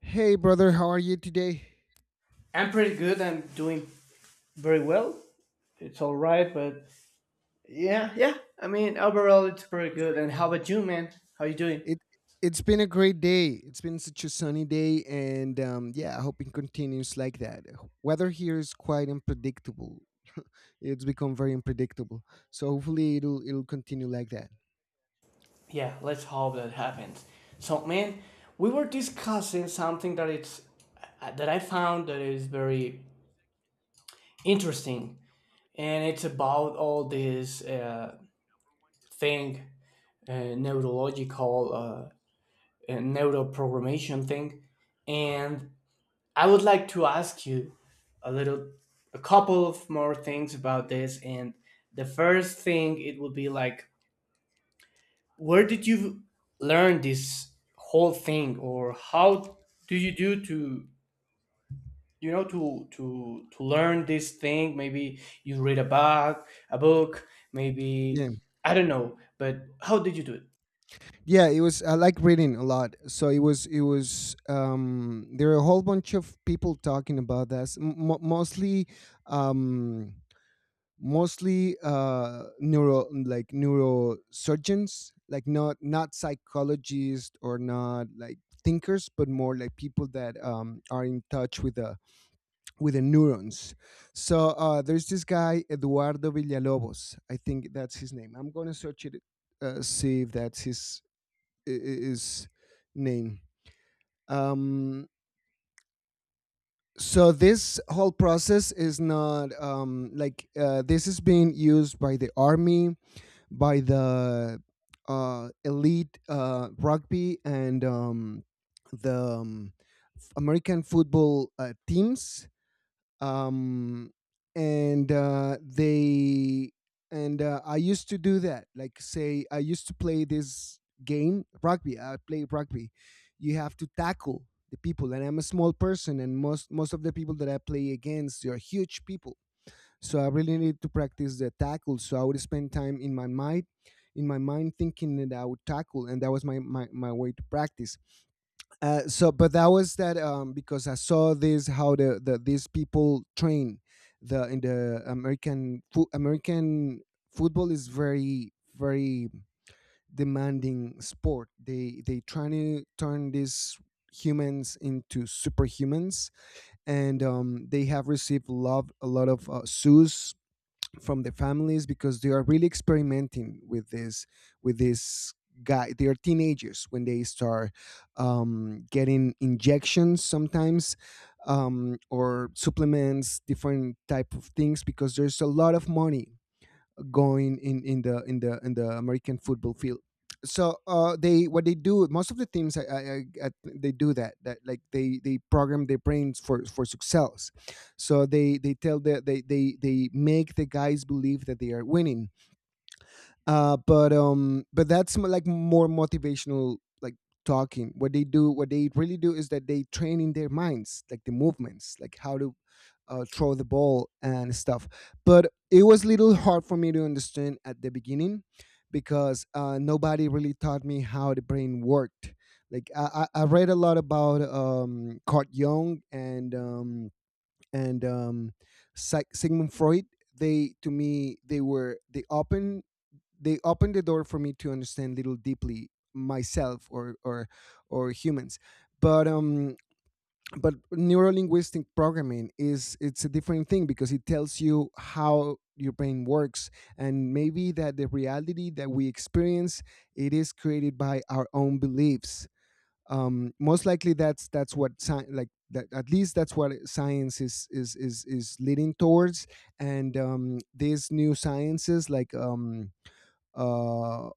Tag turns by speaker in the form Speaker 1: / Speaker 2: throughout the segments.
Speaker 1: Hey, brother, how are you today?
Speaker 2: I'm pretty good. I'm doing very well. It's all right, but yeah, yeah. Overall, it's pretty good. And how about you, man? How you doing?
Speaker 1: It it's been a great day. It's been such a sunny day, and yeah, I hope it continues like that. Weather here is quite unpredictable. It's become very unpredictable, so hopefully it'll continue like that.
Speaker 2: Yeah, let's hope that happens. So, man, we were discussing something that it's that I found that is very interesting, and it's about all this thing, neurological, neuroprogrammation thing, and I would like to ask you a little, a couple of more things about this. And the first thing it would be like, where did you learn this whole thing, or how do you do to learn this thing? Maybe you read a book,
Speaker 1: Yeah.
Speaker 2: maybe I don't know, but how did you do it?
Speaker 1: Yeah, it was, I like reading a lot, so it was there are a whole bunch of people talking about this, mostly, um neuro, like neurosurgeons, like not psychologists, or not like thinkers, but more like people that are in touch with the neurons. So there's this guy Eduardo Villalobos. I think that's his name. I'm gonna search it, see if that's his is name. Um, so this whole process is not, like, this is being used by the army, by the, elite, rugby, and the um, American football, teams. um and uh they and I used to do that, like, say, I used to play this game, rugby. I play rugby. You have to tackle the people, and I'm a small person, and most of the people that I play against are huge people. So I really need to practice the tackle, so I would spend time in my mind, thinking that I would tackle, and that was my way to practice. So, but that was that, because I saw this, how these people train, the in the, American football is very, very demanding sport. They try to turn these humans into superhumans, and they have received love a lot of, sues from the families, because they are really experimenting with this, with this guy. They are teenagers when they start, getting injections sometimes, or supplements, different type of things, because there's a lot of money going in the in the in the American football field. So, they what they do, most of the teams, they do that, like, they program their brains for success. So they make the guys believe that they are winning. But that's, like, more motivational, like talking. What they really do is that they train in their minds, like the movements, like how to, throw the ball and stuff. But it was little hard for me to understand at the beginning, because nobody really taught me how the brain worked. Like, I read a lot about, Carl Jung, and and um, Sigmund Freud. They To me, they were, they opened the door for me to understand little deeply myself, or humans. but um but neurolinguistic programming is it's a different thing, because it tells you how your brain works, and maybe that the reality that we experience, it is created by our own beliefs. Most likely, that's what, like, that, at least, that's what science is leading towards. And these new sciences, like, uh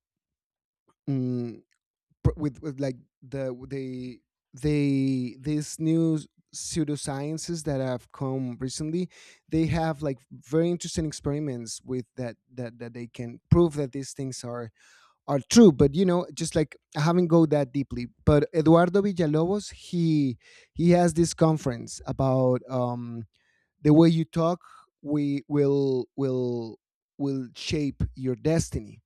Speaker 1: mm, pr- with like they, these new pseudosciences that have come recently, they have, like, very interesting experiments with that they can prove that these things are true. But, you know, just like, I haven't go that deeply. But Eduardo Villalobos, he has this conference about, the way you talk we will shape your destiny.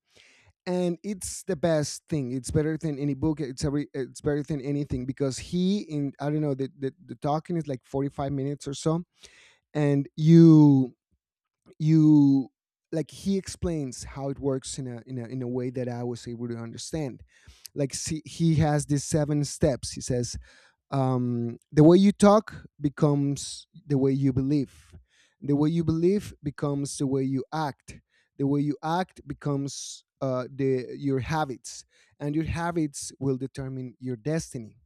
Speaker 1: And it's the best thing. It's better than any book. It's better than anything, because, he in I don't know, the talking is like 45 minutes or so. And you, like, he explains how it works in a way that I was able to understand. Like, see, he has these seven steps, he says. The way you talk becomes the way you believe. The way you believe becomes the way you act. The way you act becomes, the your habits, and your habits will determine your destiny.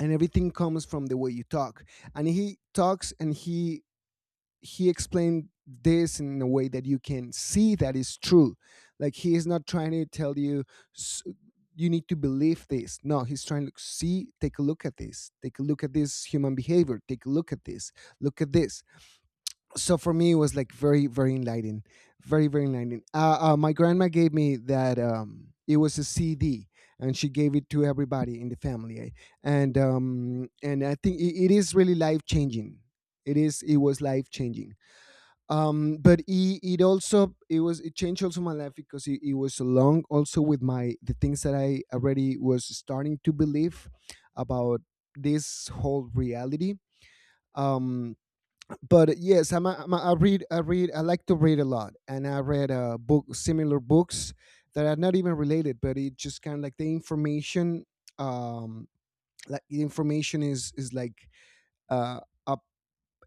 Speaker 1: And everything comes from the way you talk. And he talks, and he explained this in a way that you can see that is true. Like, he is not trying to tell you, "S- you need to believe this." No, he's trying to see, take a look at this, take a look at this human behavior, take a look at this, look at this. So for me, it was like very, very enlightening, very, very enlightening. My grandma gave me that. It was a CD, and she gave it to everybody in the family, eh? And I think it is really life changing. It is. It was life changing, but it also, it changed also my life, because it was along also with my the things that I already was starting to believe about this whole reality. um but yes, I like to read a lot, and I read, book, similar books that are not even related, but it just kind of, like, the information. um like, the information is, like, uh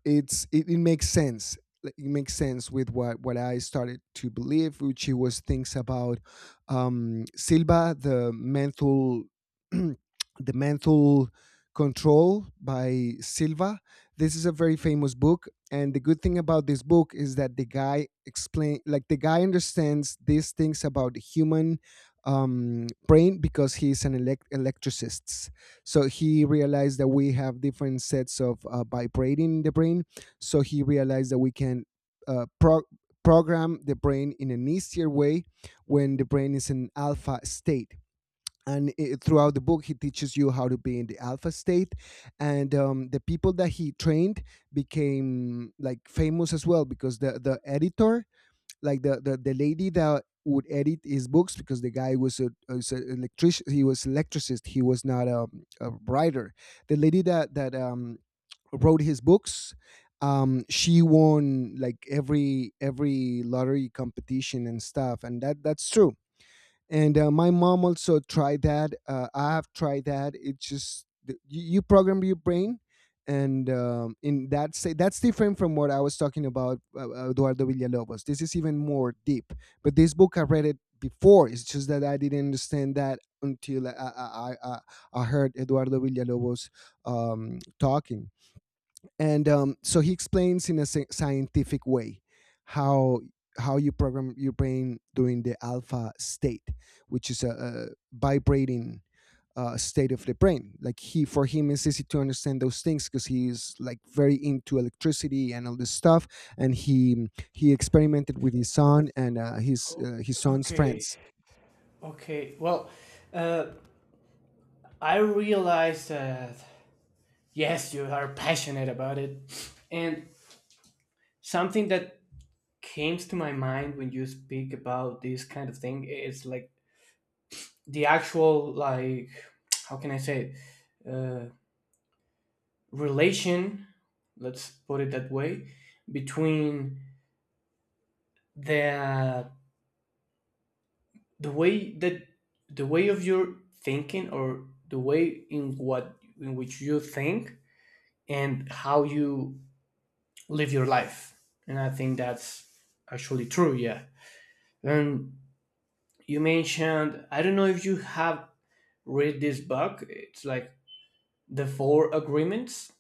Speaker 1: it's, it makes sense. Like, it makes sense with what I started to believe, which it was things about, Silva, the mental the mental control by Silva. This is a very famous book, and the good thing about this book is that the guy understands these things about the human, brain, because he's an, electricist. So he realized that we have different sets of, vibrating in the brain. So he realized that we can, uh, pro- program the brain in an easier way when the brain is in alpha state. And throughout the book, he teaches you how to be in the alpha state. And the people that he trained became, like, famous as well, because the editor, like the lady that would edit his books, because the guy was was a electric, he was electricist, he was not a writer. The lady that, wrote his books. She won, like, every lottery competition and stuff, and that's true. And my mom also tried that. I have tried that. It's just, you program your brain. And in that, say that's different from what I was talking about, Eduardo Villalobos, this is even more deep. But this book, I read it before. It's just that I didn't understand that until I heard Eduardo Villalobos talking. And so he explains in a, scientific way, how how you program your brain during the alpha state, which is a vibrating, state of the brain. Like he for him, it's easy to understand those things, because he's, like, very into electricity and all this stuff. And he experimented with his son, and his son's
Speaker 2: Okay,
Speaker 1: friends.
Speaker 2: okay. Well, uh, I realized that yes, you are passionate about it, and something that came to my mind when you speak about this kind of thing is like the actual, like, how can I say it? Relation. Let's put it that way, between the the way that the way in what in which you think and how you live your life. And I think that's actually true. Yeah. And you mentioned, I don't know if you have read this book. It's like the Four Agreements.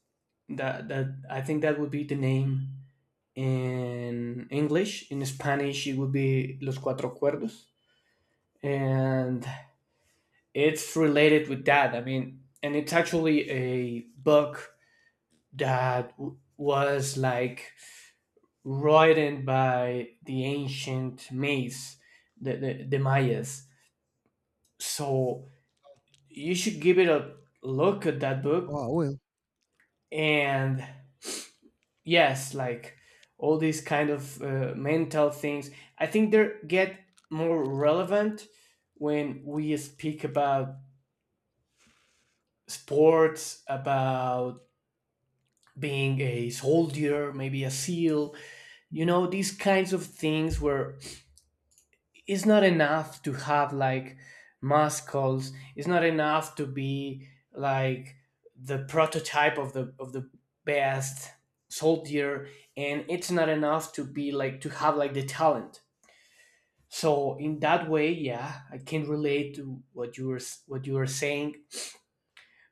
Speaker 2: That I think that would be the name in English. In Spanish, it would be Los Cuatro Acuerdos, and it's related with that. And it's actually a book that was like written by the ancient Mays, the Mayas. So you should give it a look at that book.
Speaker 1: Oh, well,
Speaker 2: And yes, like all these kind of mental things, I think they get more relevant when we speak about sports, about being a soldier, maybe a seal, you know, these kinds of things where it's not enough to have like muscles, it's not enough to be like the prototype of the best soldier, and it's not enough to be like to have like the talent. So in that way, yeah, I can relate to what you were saying.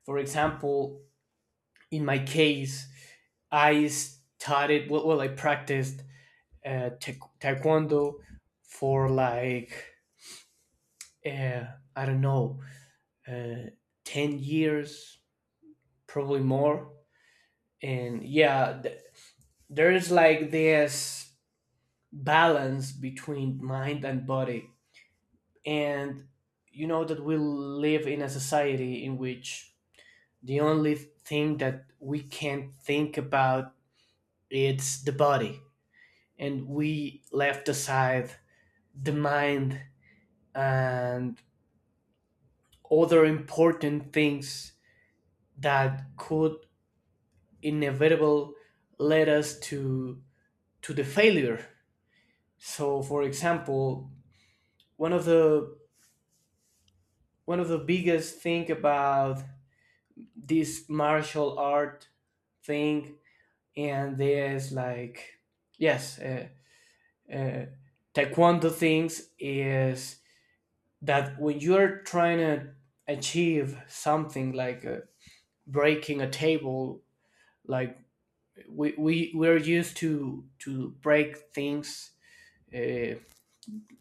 Speaker 2: For example, in my case, well, I practiced taekwondo for like uh, I don't know uh, 10 years, probably more. And yeah, there is like this balance between mind and body. And you know that we live in a society in which the only thing that we can think about is the body, and we left aside the mind and other important things that could inevitable lead us to the failure. So, for example, one of the one of the biggest thing about this martial art thing, and there's like, yes, uh, taekwondo things is that when you're trying to achieve something like breaking a table, like we're used to break things. Uh,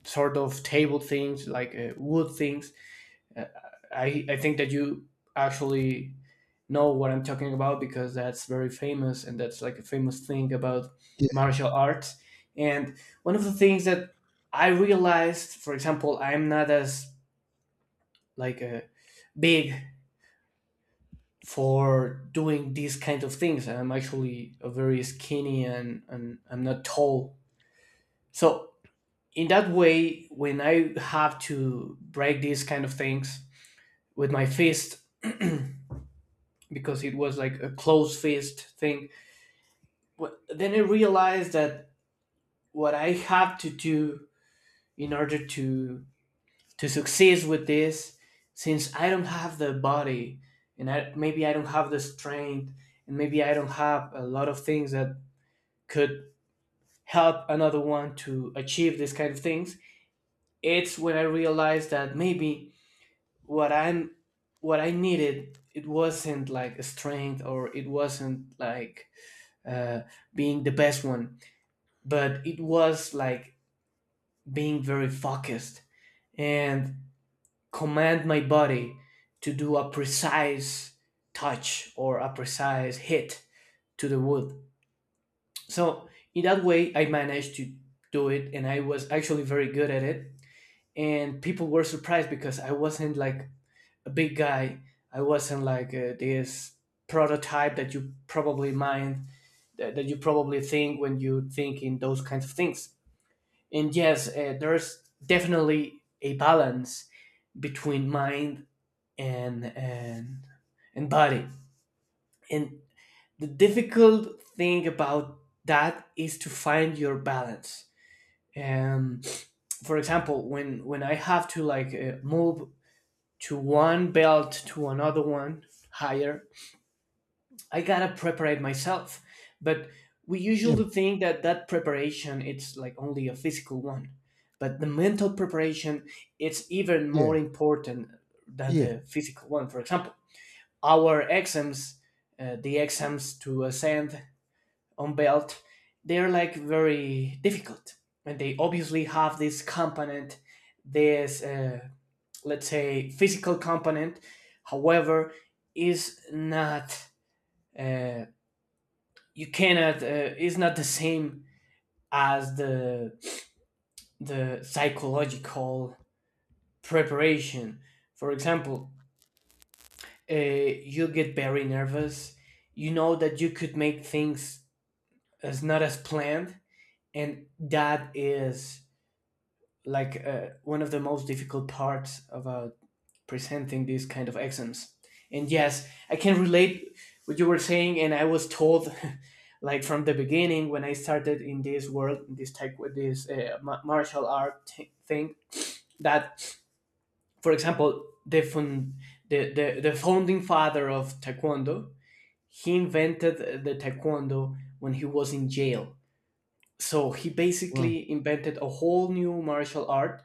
Speaker 2: Sort of table things like wood things. Uh, I think that you actually know what I'm talking about because that's very famous and that's like a famous thing about
Speaker 1: yeah,
Speaker 2: martial arts. And one of the things that I realized, for example, I'm not as like a big for doing these kind of things. I'm actually a very skinny, and I'm not tall. So in that way, when I have to break these kind of things with my fist because it was like a closed fist thing. But then I realized that what I have to do in order to succeed with this, since I don't have the body, and maybe I don't have the strength, and maybe I don't have a lot of things that could help another one to achieve these kind of things, it's when I realized that maybe what I'm what I needed, it wasn't like strength or it wasn't like uh, being the best one, but it was like being very focused and command my body to do a precise touch or a precise hit to the wood. So in that way, I managed to do it, and I was actually very good at it. And people were surprised because I wasn't like a big guy. I wasn't like this prototype that you probably mind that you probably think when you think in those kinds of things. And yes, there's definitely a balance between mind and body. And the difficult thing about that is to find your balance. Um, for example, when I have to like move to one belt to another one higher, I gotta prepare myself. But we
Speaker 1: yeah,
Speaker 2: usually think that that preparation it's like only a physical one, but the mental preparation it's even
Speaker 1: yeah,
Speaker 2: more important than
Speaker 1: yeah.
Speaker 2: the physical one. For example, our exams, the exams to ascend on belt, they're like very difficult, and they obviously have this component, this let's say physical component. However, is not. Uh, you cannot, is not the same as the psychological preparation. For example, you get very nervous. You know that you could make things as not as planned, and that is like one of the most difficult parts about presenting these kind of exams. And yes, I can relate what you were saying, and I was told, like from the beginning when I started in this world, in this type, with this martial art thing, that for example, the fun, the founding father of taekwondo, he invented the taekwondo when he was in jail. So he
Speaker 1: Wow,
Speaker 2: basically invented a whole new martial art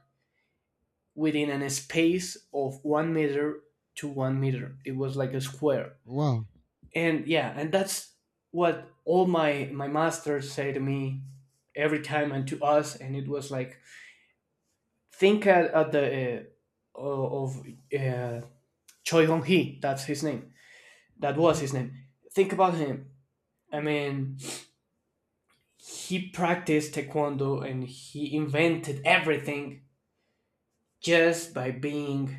Speaker 2: within a space of 1 meter to 1 meter. It was like a square.
Speaker 1: wow.
Speaker 2: And yeah, and that's what all my my masters say to me every time and to us. And it was like, think at the uh, of uh, Choi Hong Hee. That's his name. That was his
Speaker 1: Mhm.
Speaker 2: name. Think about him. I mean, he practiced taekwondo and he invented everything just by being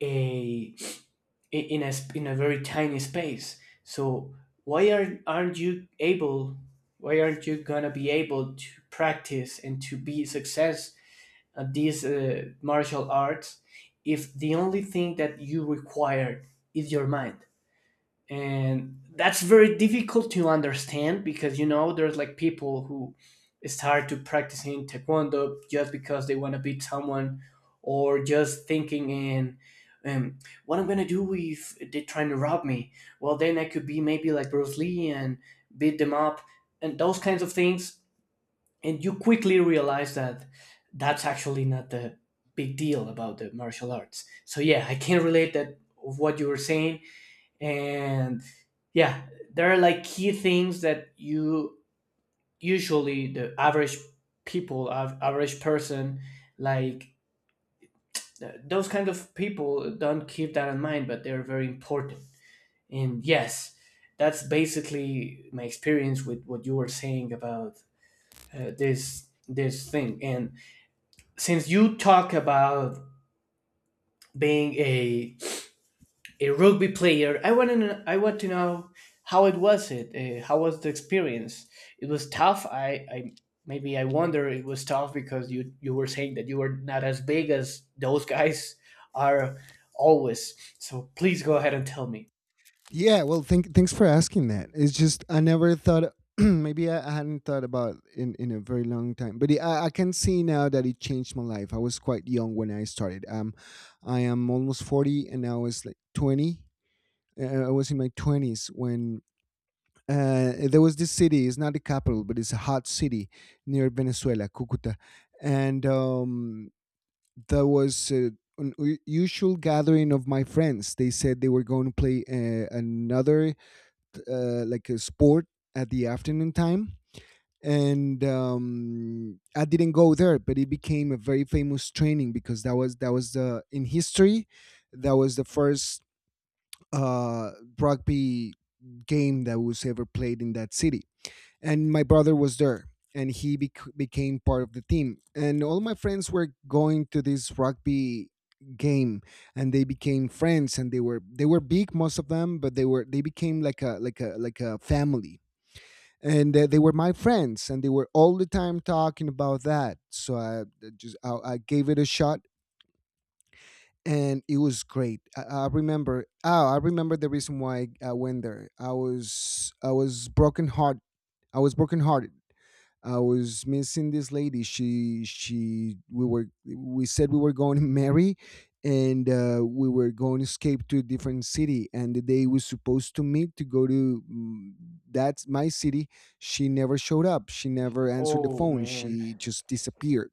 Speaker 2: a in a in a very tiny space. So why aren't you able? Why aren't you gonna be able to practice and to be success at these martial arts if the only thing that you require is your mind? And that's very difficult to understand because, you know, there's like people who start to practicing taekwondo just because they want to beat someone, or just thinking in um, what I'm gonna do if they're trying to rob me. Well, then I could be maybe like Bruce Lee and beat them up and those kinds of things. And you quickly realize that that's actually not the big deal about the martial arts. So yeah, I can relate that of what you were saying. And yeah, there are like key things that you usually, the average people, average person, like those kind of people don't keep that in mind, but they're very important. And yes, that's basically my experience with what you were saying about this this thing. And since you talk about being a rugby player, I want to know how it was it, how was the experience? It was tough. I maybe I wonder it was tough because you were saying that you were not as big as those guys are always. So please go ahead and tell me.
Speaker 1: Yeah, well, thanks for asking that. It's just, I never thought. Maybe I hadn't thought about in a very long time, but I can see now that it changed my life. I was quite young when I started. I am almost 40, and I was like 20, I was in my 20s when, there was this city. It's not the capital, but it's a hot city near Venezuela, Cucuta. And there was. An usual gathering of my friends. They said they were going to play, another, like, a sport at the afternoon time. And I didn't go there, but it became a very famous training, because that was the in history, that was the first, uh, rugby game that was ever played in that city. And my brother was there, and he became part of the team. And all my friends were going to this rugby game, and they became friends, and they were big, most of them, but they became like a family. And they were my friends, and they were all the time talking about that. So I gave it a shot, and it was great. I remember. Oh, I remember the reason why I went there. I was broken heart. I was broken hearted. I was missing this lady. She We said we were going to marry, and we were going to escape to a different city. And the day we supposed to meet to go to, that's my city, she never showed up. She never answered the
Speaker 2: Oh
Speaker 1: phone.
Speaker 2: man.
Speaker 1: She just disappeared,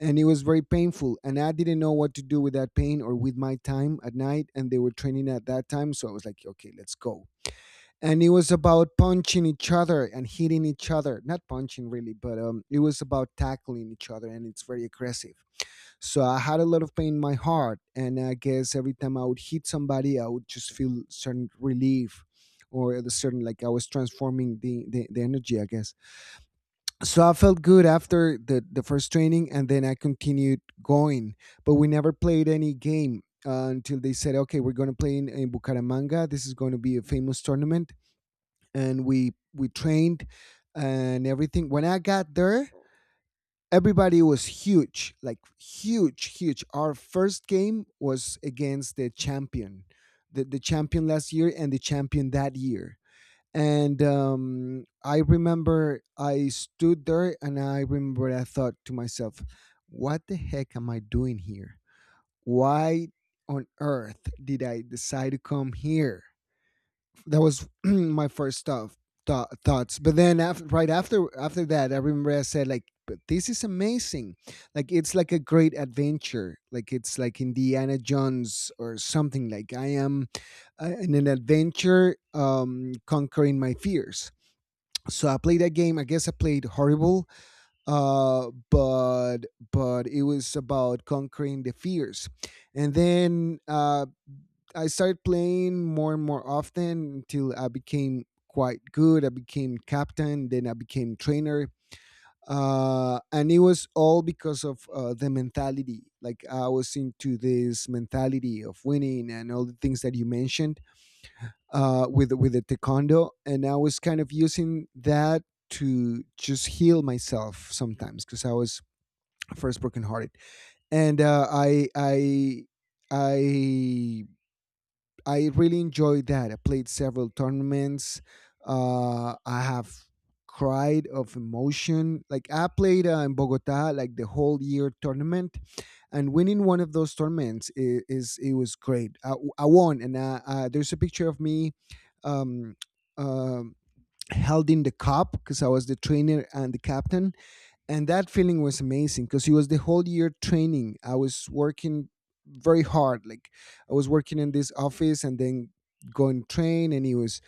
Speaker 1: and it was very painful and I didn't know what to do with that pain or with my time at night. And they were training at that time, so I was like, okay, let's go. And it was about punching each other and hitting each other, not punching really, but it was about tackling each other, and it's very aggressive. So I had a lot of pain in my heart, and I guess every time I would hit somebody I would just feel certain relief, or a certain, like, I was transforming the energy, I guess. So I felt good after the first training, and then I continued going. But we never played any game until they said, "Okay, we're going to play in Bucaramanga. This is going to be a famous tournament." And we trained and everything. When I got there, everybody was huge, like huge, huge. Our first game was against the champion, the champion last year and the champion that year. And I remember I stood there, and I remember I thought to myself, what the heck am I doing here? Why on earth did I decide to come here? That was my first thoughts. But then after, right after that, I remember I said, like, but this is amazing. Like it's like a great adventure. Like it's like Indiana Jones or something. Like I am, in an adventure, conquering my fears, so I played that game. I guess I played horrible, uh, but but it was about conquering the fears. And then I started playing more and more often until I became quite good. I became captain, then I became trainer, and it was all because of the mentality. Like I was into this mentality of winning and all the things that you mentioned, with the taekwondo, and I was kind of using that to just heal myself sometimes, because I was first brokenhearted, and I I really enjoyed that. I played several tournaments. I have cried of emotion. Like I played, in Bogota, like the whole year tournament, and winning one of those tournaments, is it was great. I won, and there's a picture of me. Um, um, Held in the cup because I was the trainer and the captain, and that feeling was amazing because it was the whole year training. I was working very hard. Like, I was working in this office, and then going train, and it was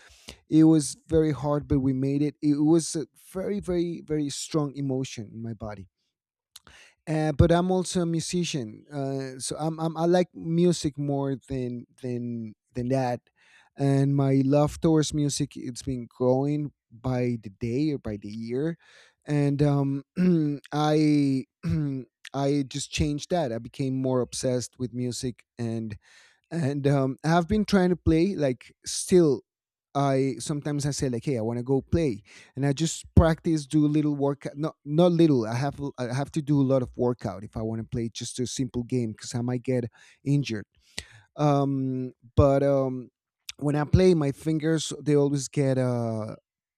Speaker 1: it was very hard, but we made it. It was a very, very, very strong emotion in my body. But I'm also a musician, so I like music more than that, and my love towards music, it's been growing by the day or by the year. And I I just changed that. I became more obsessed with music, and I've been trying to play, like, still. I sometimes I say, like, hey, I want to go play, and I just practice, do little workout. Not little. I have to do a lot of workout if I want to play just a simple game, because I might get injured. But when I play, my fingers, they always get,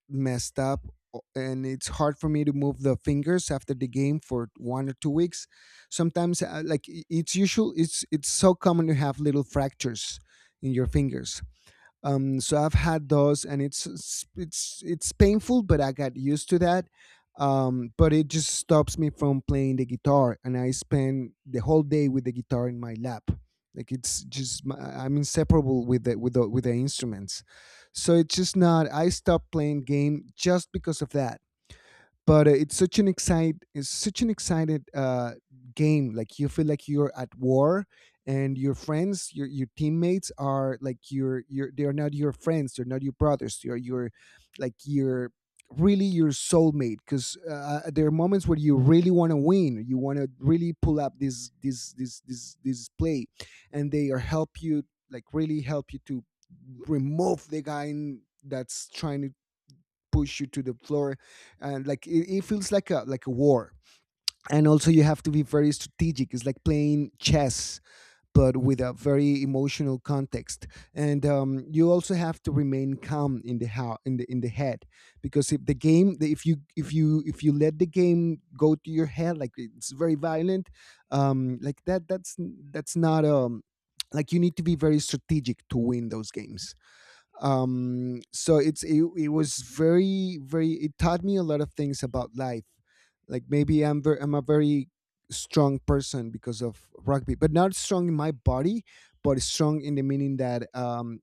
Speaker 1: messed up, and it's hard for me to move the fingers after the game for 1 or 2 weeks. Sometimes, like, it's usual, it's so common to have little fractures in your fingers. So I've had those, and it's painful, but I got used to that. But it just stops me from playing the guitar, and I spend the whole day with the guitar in my lap. Like, it's just my — I'm inseparable with the instruments, so it's just not. I stopped playing game just because of that, but it's such an excited game. Like, you feel like you're at war, and your friends, your teammates are like your they are not your friends, they're not your brothers, they're your, like, your, really, your soulmate, because there are moments where you really want to win. You want to really pull up this play, and they are help you, like, really help you to remove the guy that's trying to push you to the floor. And, like, it feels like a, like a war. And also you have to be very strategic. It's like playing chess, but with a very emotional context. And you also have to remain calm in the how, in the head. Because if the game, if you — if you let the game go to your head, like, it's very violent. Like, that's that's not, like, you need to be very strategic to win those games. So it's — it was very, very — it taught me a lot of things about life. Like, maybe I'm a very strong person because of rugby, but not strong in my body, but strong in the meaning that,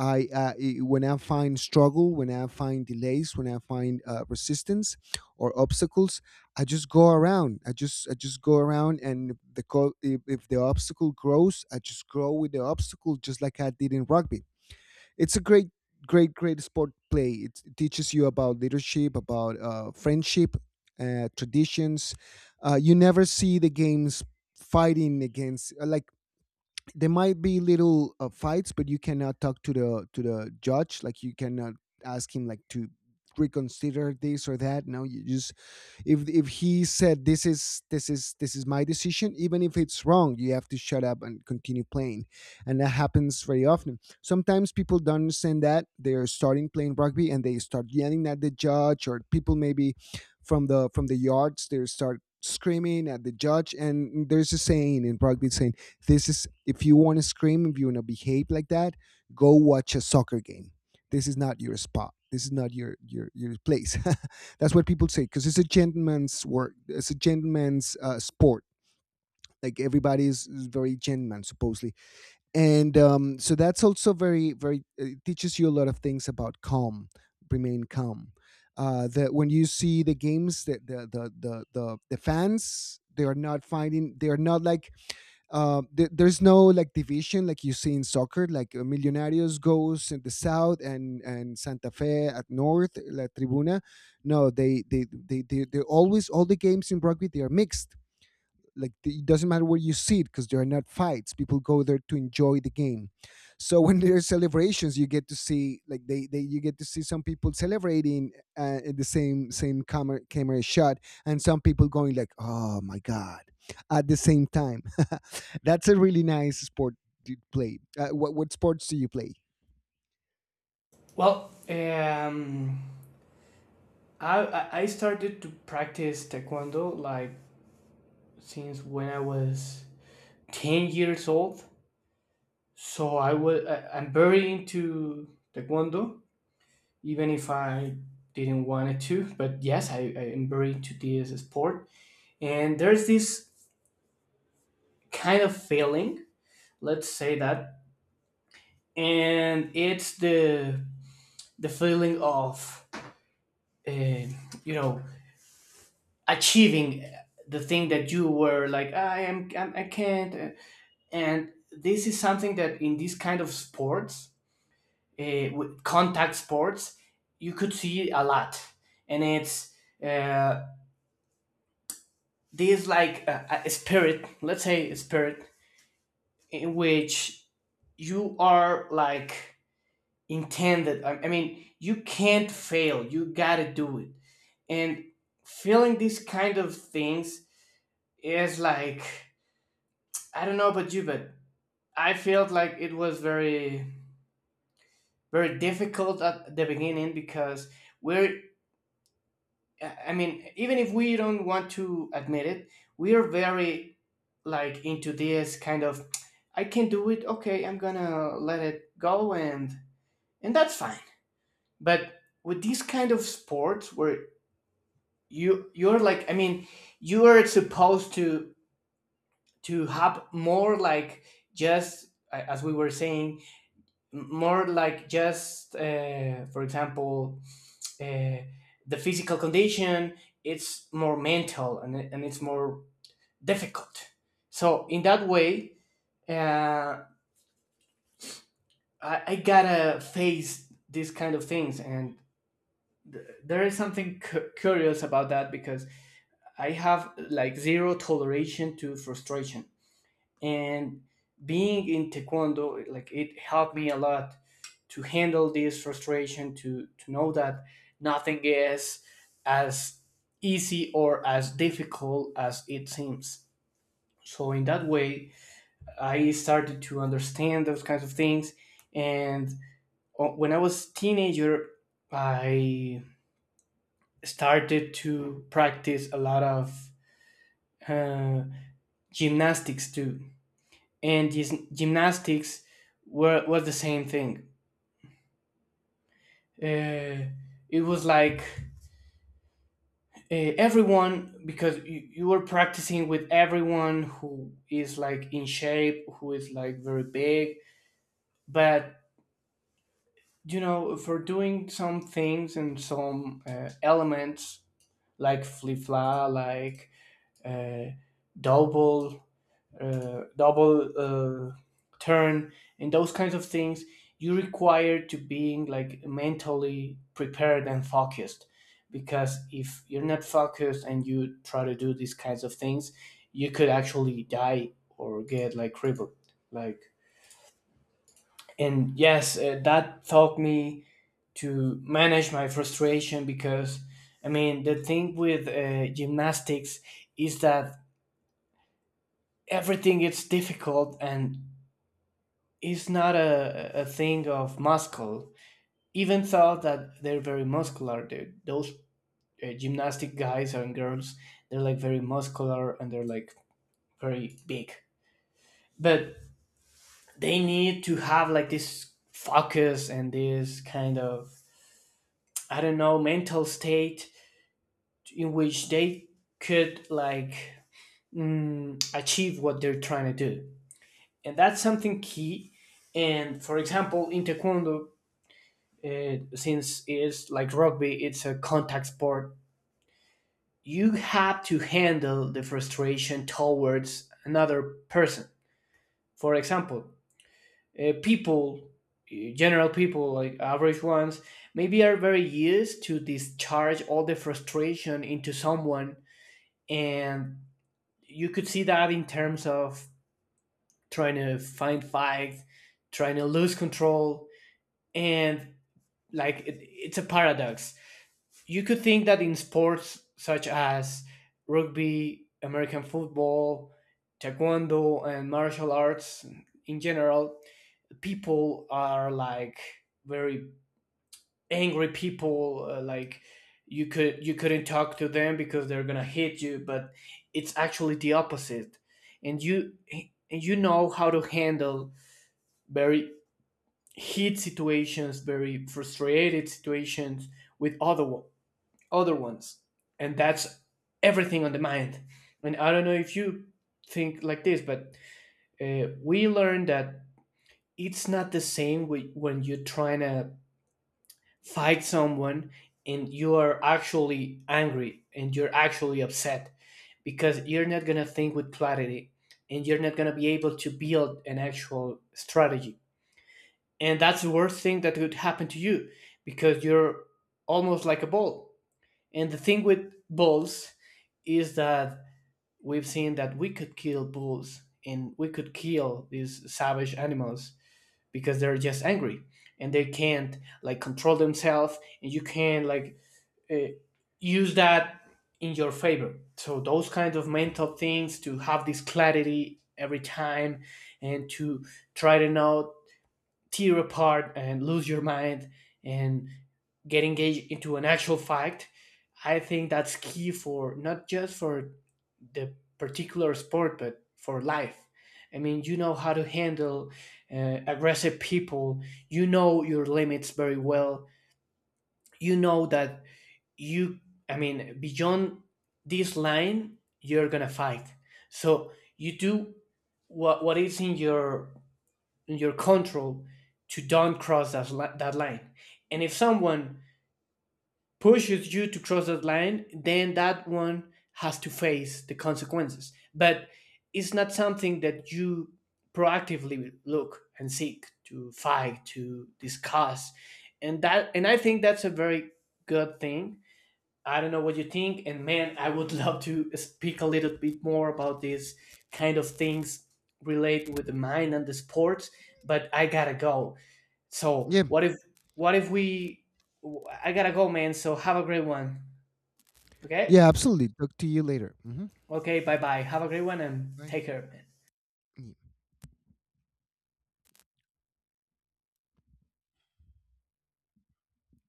Speaker 1: when I find struggle, when I find delays, when I find, resistance or obstacles, I just go around. I just go around, and if the if the obstacle grows, I just grow with the obstacle, just like I did in rugby. It's a great, great, great sport. Play it. Teaches you about leadership, about friendship, traditions. You never see the games fighting against, like, there might be little fights, but you cannot talk to the judge. Like, you cannot ask him, like, to reconsider this or that. No, you just — if he said, this is — this is my decision, even if it's wrong, you have to shut up and continue playing. And that happens very often. Sometimes people don't understand that. They're starting playing rugby, and they start yelling at the judge, or people maybe from the yards, they start screaming at the judge. And there's a saying in rugby, saying, this is, if you want to scream, if you want to behave like that, go watch a soccer game. This is not your spot. This is not your place. That's what people say, because it's a gentleman's work. It's a gentleman's sport. Like, everybody is very gentleman, supposedly. And um, so that's also very, very. It teaches you a lot of things about calm. Remain calm. That when you see the games, that the fans, they are not finding. They are not like, there's no, like, division, like you see in soccer. Like, Millonarios goes in the south, and Santa Fe at north, la tribuna. No, they're always — all the games in rugby, they are mixed. Like, it doesn't matter where you sit, because there are not fights. People go there to enjoy the game. So when there are celebrations, you get to see, like, they you get to see some people celebrating, in the same camera shot, and some people going, like, oh my God, at the same time. That's a really nice sport to play. What sports do you play?
Speaker 2: Well, I started to practice taekwondo like since when I was 10 years old. So I'm very into taekwondo. Even if I didn't want it to. But yes, I am very into this sport. And there's this kind of feeling, let's say that, and it's the feeling of uh, you know, achieving the thing that you were like, I am, I can't, and this is something that in this kind of sports, with contact sports, you could see a lot, and it's uh, this like a spirit, let's say a spirit in which you are like intended. I mean, you can't fail, you gotta do it. And feeling these kind of things is like, I don't know about you, but I felt like it was very very difficult at the beginning because we're, I mean, even if we don't want to admit it, we are very like into this kind of, I can do it. Okay, I'm gonna let it go and that's fine. But with these kind of sports where you're like you are supposed to have more like as we were saying more like just for example uh, the physical condition, it's more mental and it's more difficult. So in that way, uh, I gotta face these kind of things, and there is something curious about that because I have like zero toleration to frustration, and being in taekwondo, like, it helped me a lot to handle this frustration, to know that nothing is as easy or as difficult as it seems. So in that way I started to understand those kinds of things. And when I was teenager, I started to practice a lot of uh, gymnastics too, and gymnastics were was the same thing. Uh, it was like everyone, because you were practicing with everyone who is like in shape, who is like very big, but you know, for doing some things and some elements like flip fly, like uh, double double turn and those kinds of things, you require to being like mentally prepared and focused, because if you're not focused and you try to do these kinds of things, you could actually die or get like crippled, like. And yes, that taught me to manage my frustration, because I mean the thing with gymnastics is that everything is difficult, and it's not a thing of muscle. Even though that they're very muscular, those gymnastic guys and girls, they're like very muscular and they're like very big. But they need to have like this focus and this kind of, I don't know, mental state in which they could like, achieve what they're trying to do. And that's something key. And for example, in Taekwondo, it, since it's like rugby, it's a contact sport, you have to handle the frustration towards another person. For example, people, general people, like average ones, maybe are very used to discharge all the frustration into someone. And you could see that in terms of trying to find fights, trying to lose control, and like it's a paradox. You could think that in sports such as rugby, American football, taekwondo, and martial arts in general, people are like very angry people. Like, you couldn't talk to them because they're gonna hit you, but it's actually the opposite, and you know how to handle very heat situations, very frustrated situations with other ones. And that's everything on the mind. And I don't know if you think like this, but we learned that it's not the same when you're trying to fight someone and you are actually angry and you're actually upset, because you're not going to think with clarity and you're not going to be able to build an actual strategy. And that's the worst thing that could happen to you, because you're almost like a ball. And the thing with bulls is that we've seen that we could kill bulls and we could kill these savage animals because they're just angry and they can't like control themselves, and you can like uh, use that in your favor. So those kind of mental things, to have this clarity every time and to try to not tear apart and lose your mind and get engaged into an actual fight, I think that's key, for not just for the particular sport but for life. I mean, you know how to handle aggressive people, you know your limits very well, you know that you, I mean, beyond this line you're gonna fight. So you do what is in your control to don't cross that, that line. And if someone pushes you to cross that line, then that one has to face the consequences. But it's not something that you proactively look and seek to fight, to discuss. And I think that's a very good thing. I don't know what you think, and man, I would love to speak a little bit more about these kind of things relate with the mind and the sports, but I gotta go. So
Speaker 1: Yeah,
Speaker 2: what if we? I gotta go, man. So have a great one. Okay.
Speaker 1: yeah, absolutely. Talk to you later. Hmm.
Speaker 2: Okay. Bye bye. Have a great one and take
Speaker 1: Bye.
Speaker 2: care, man.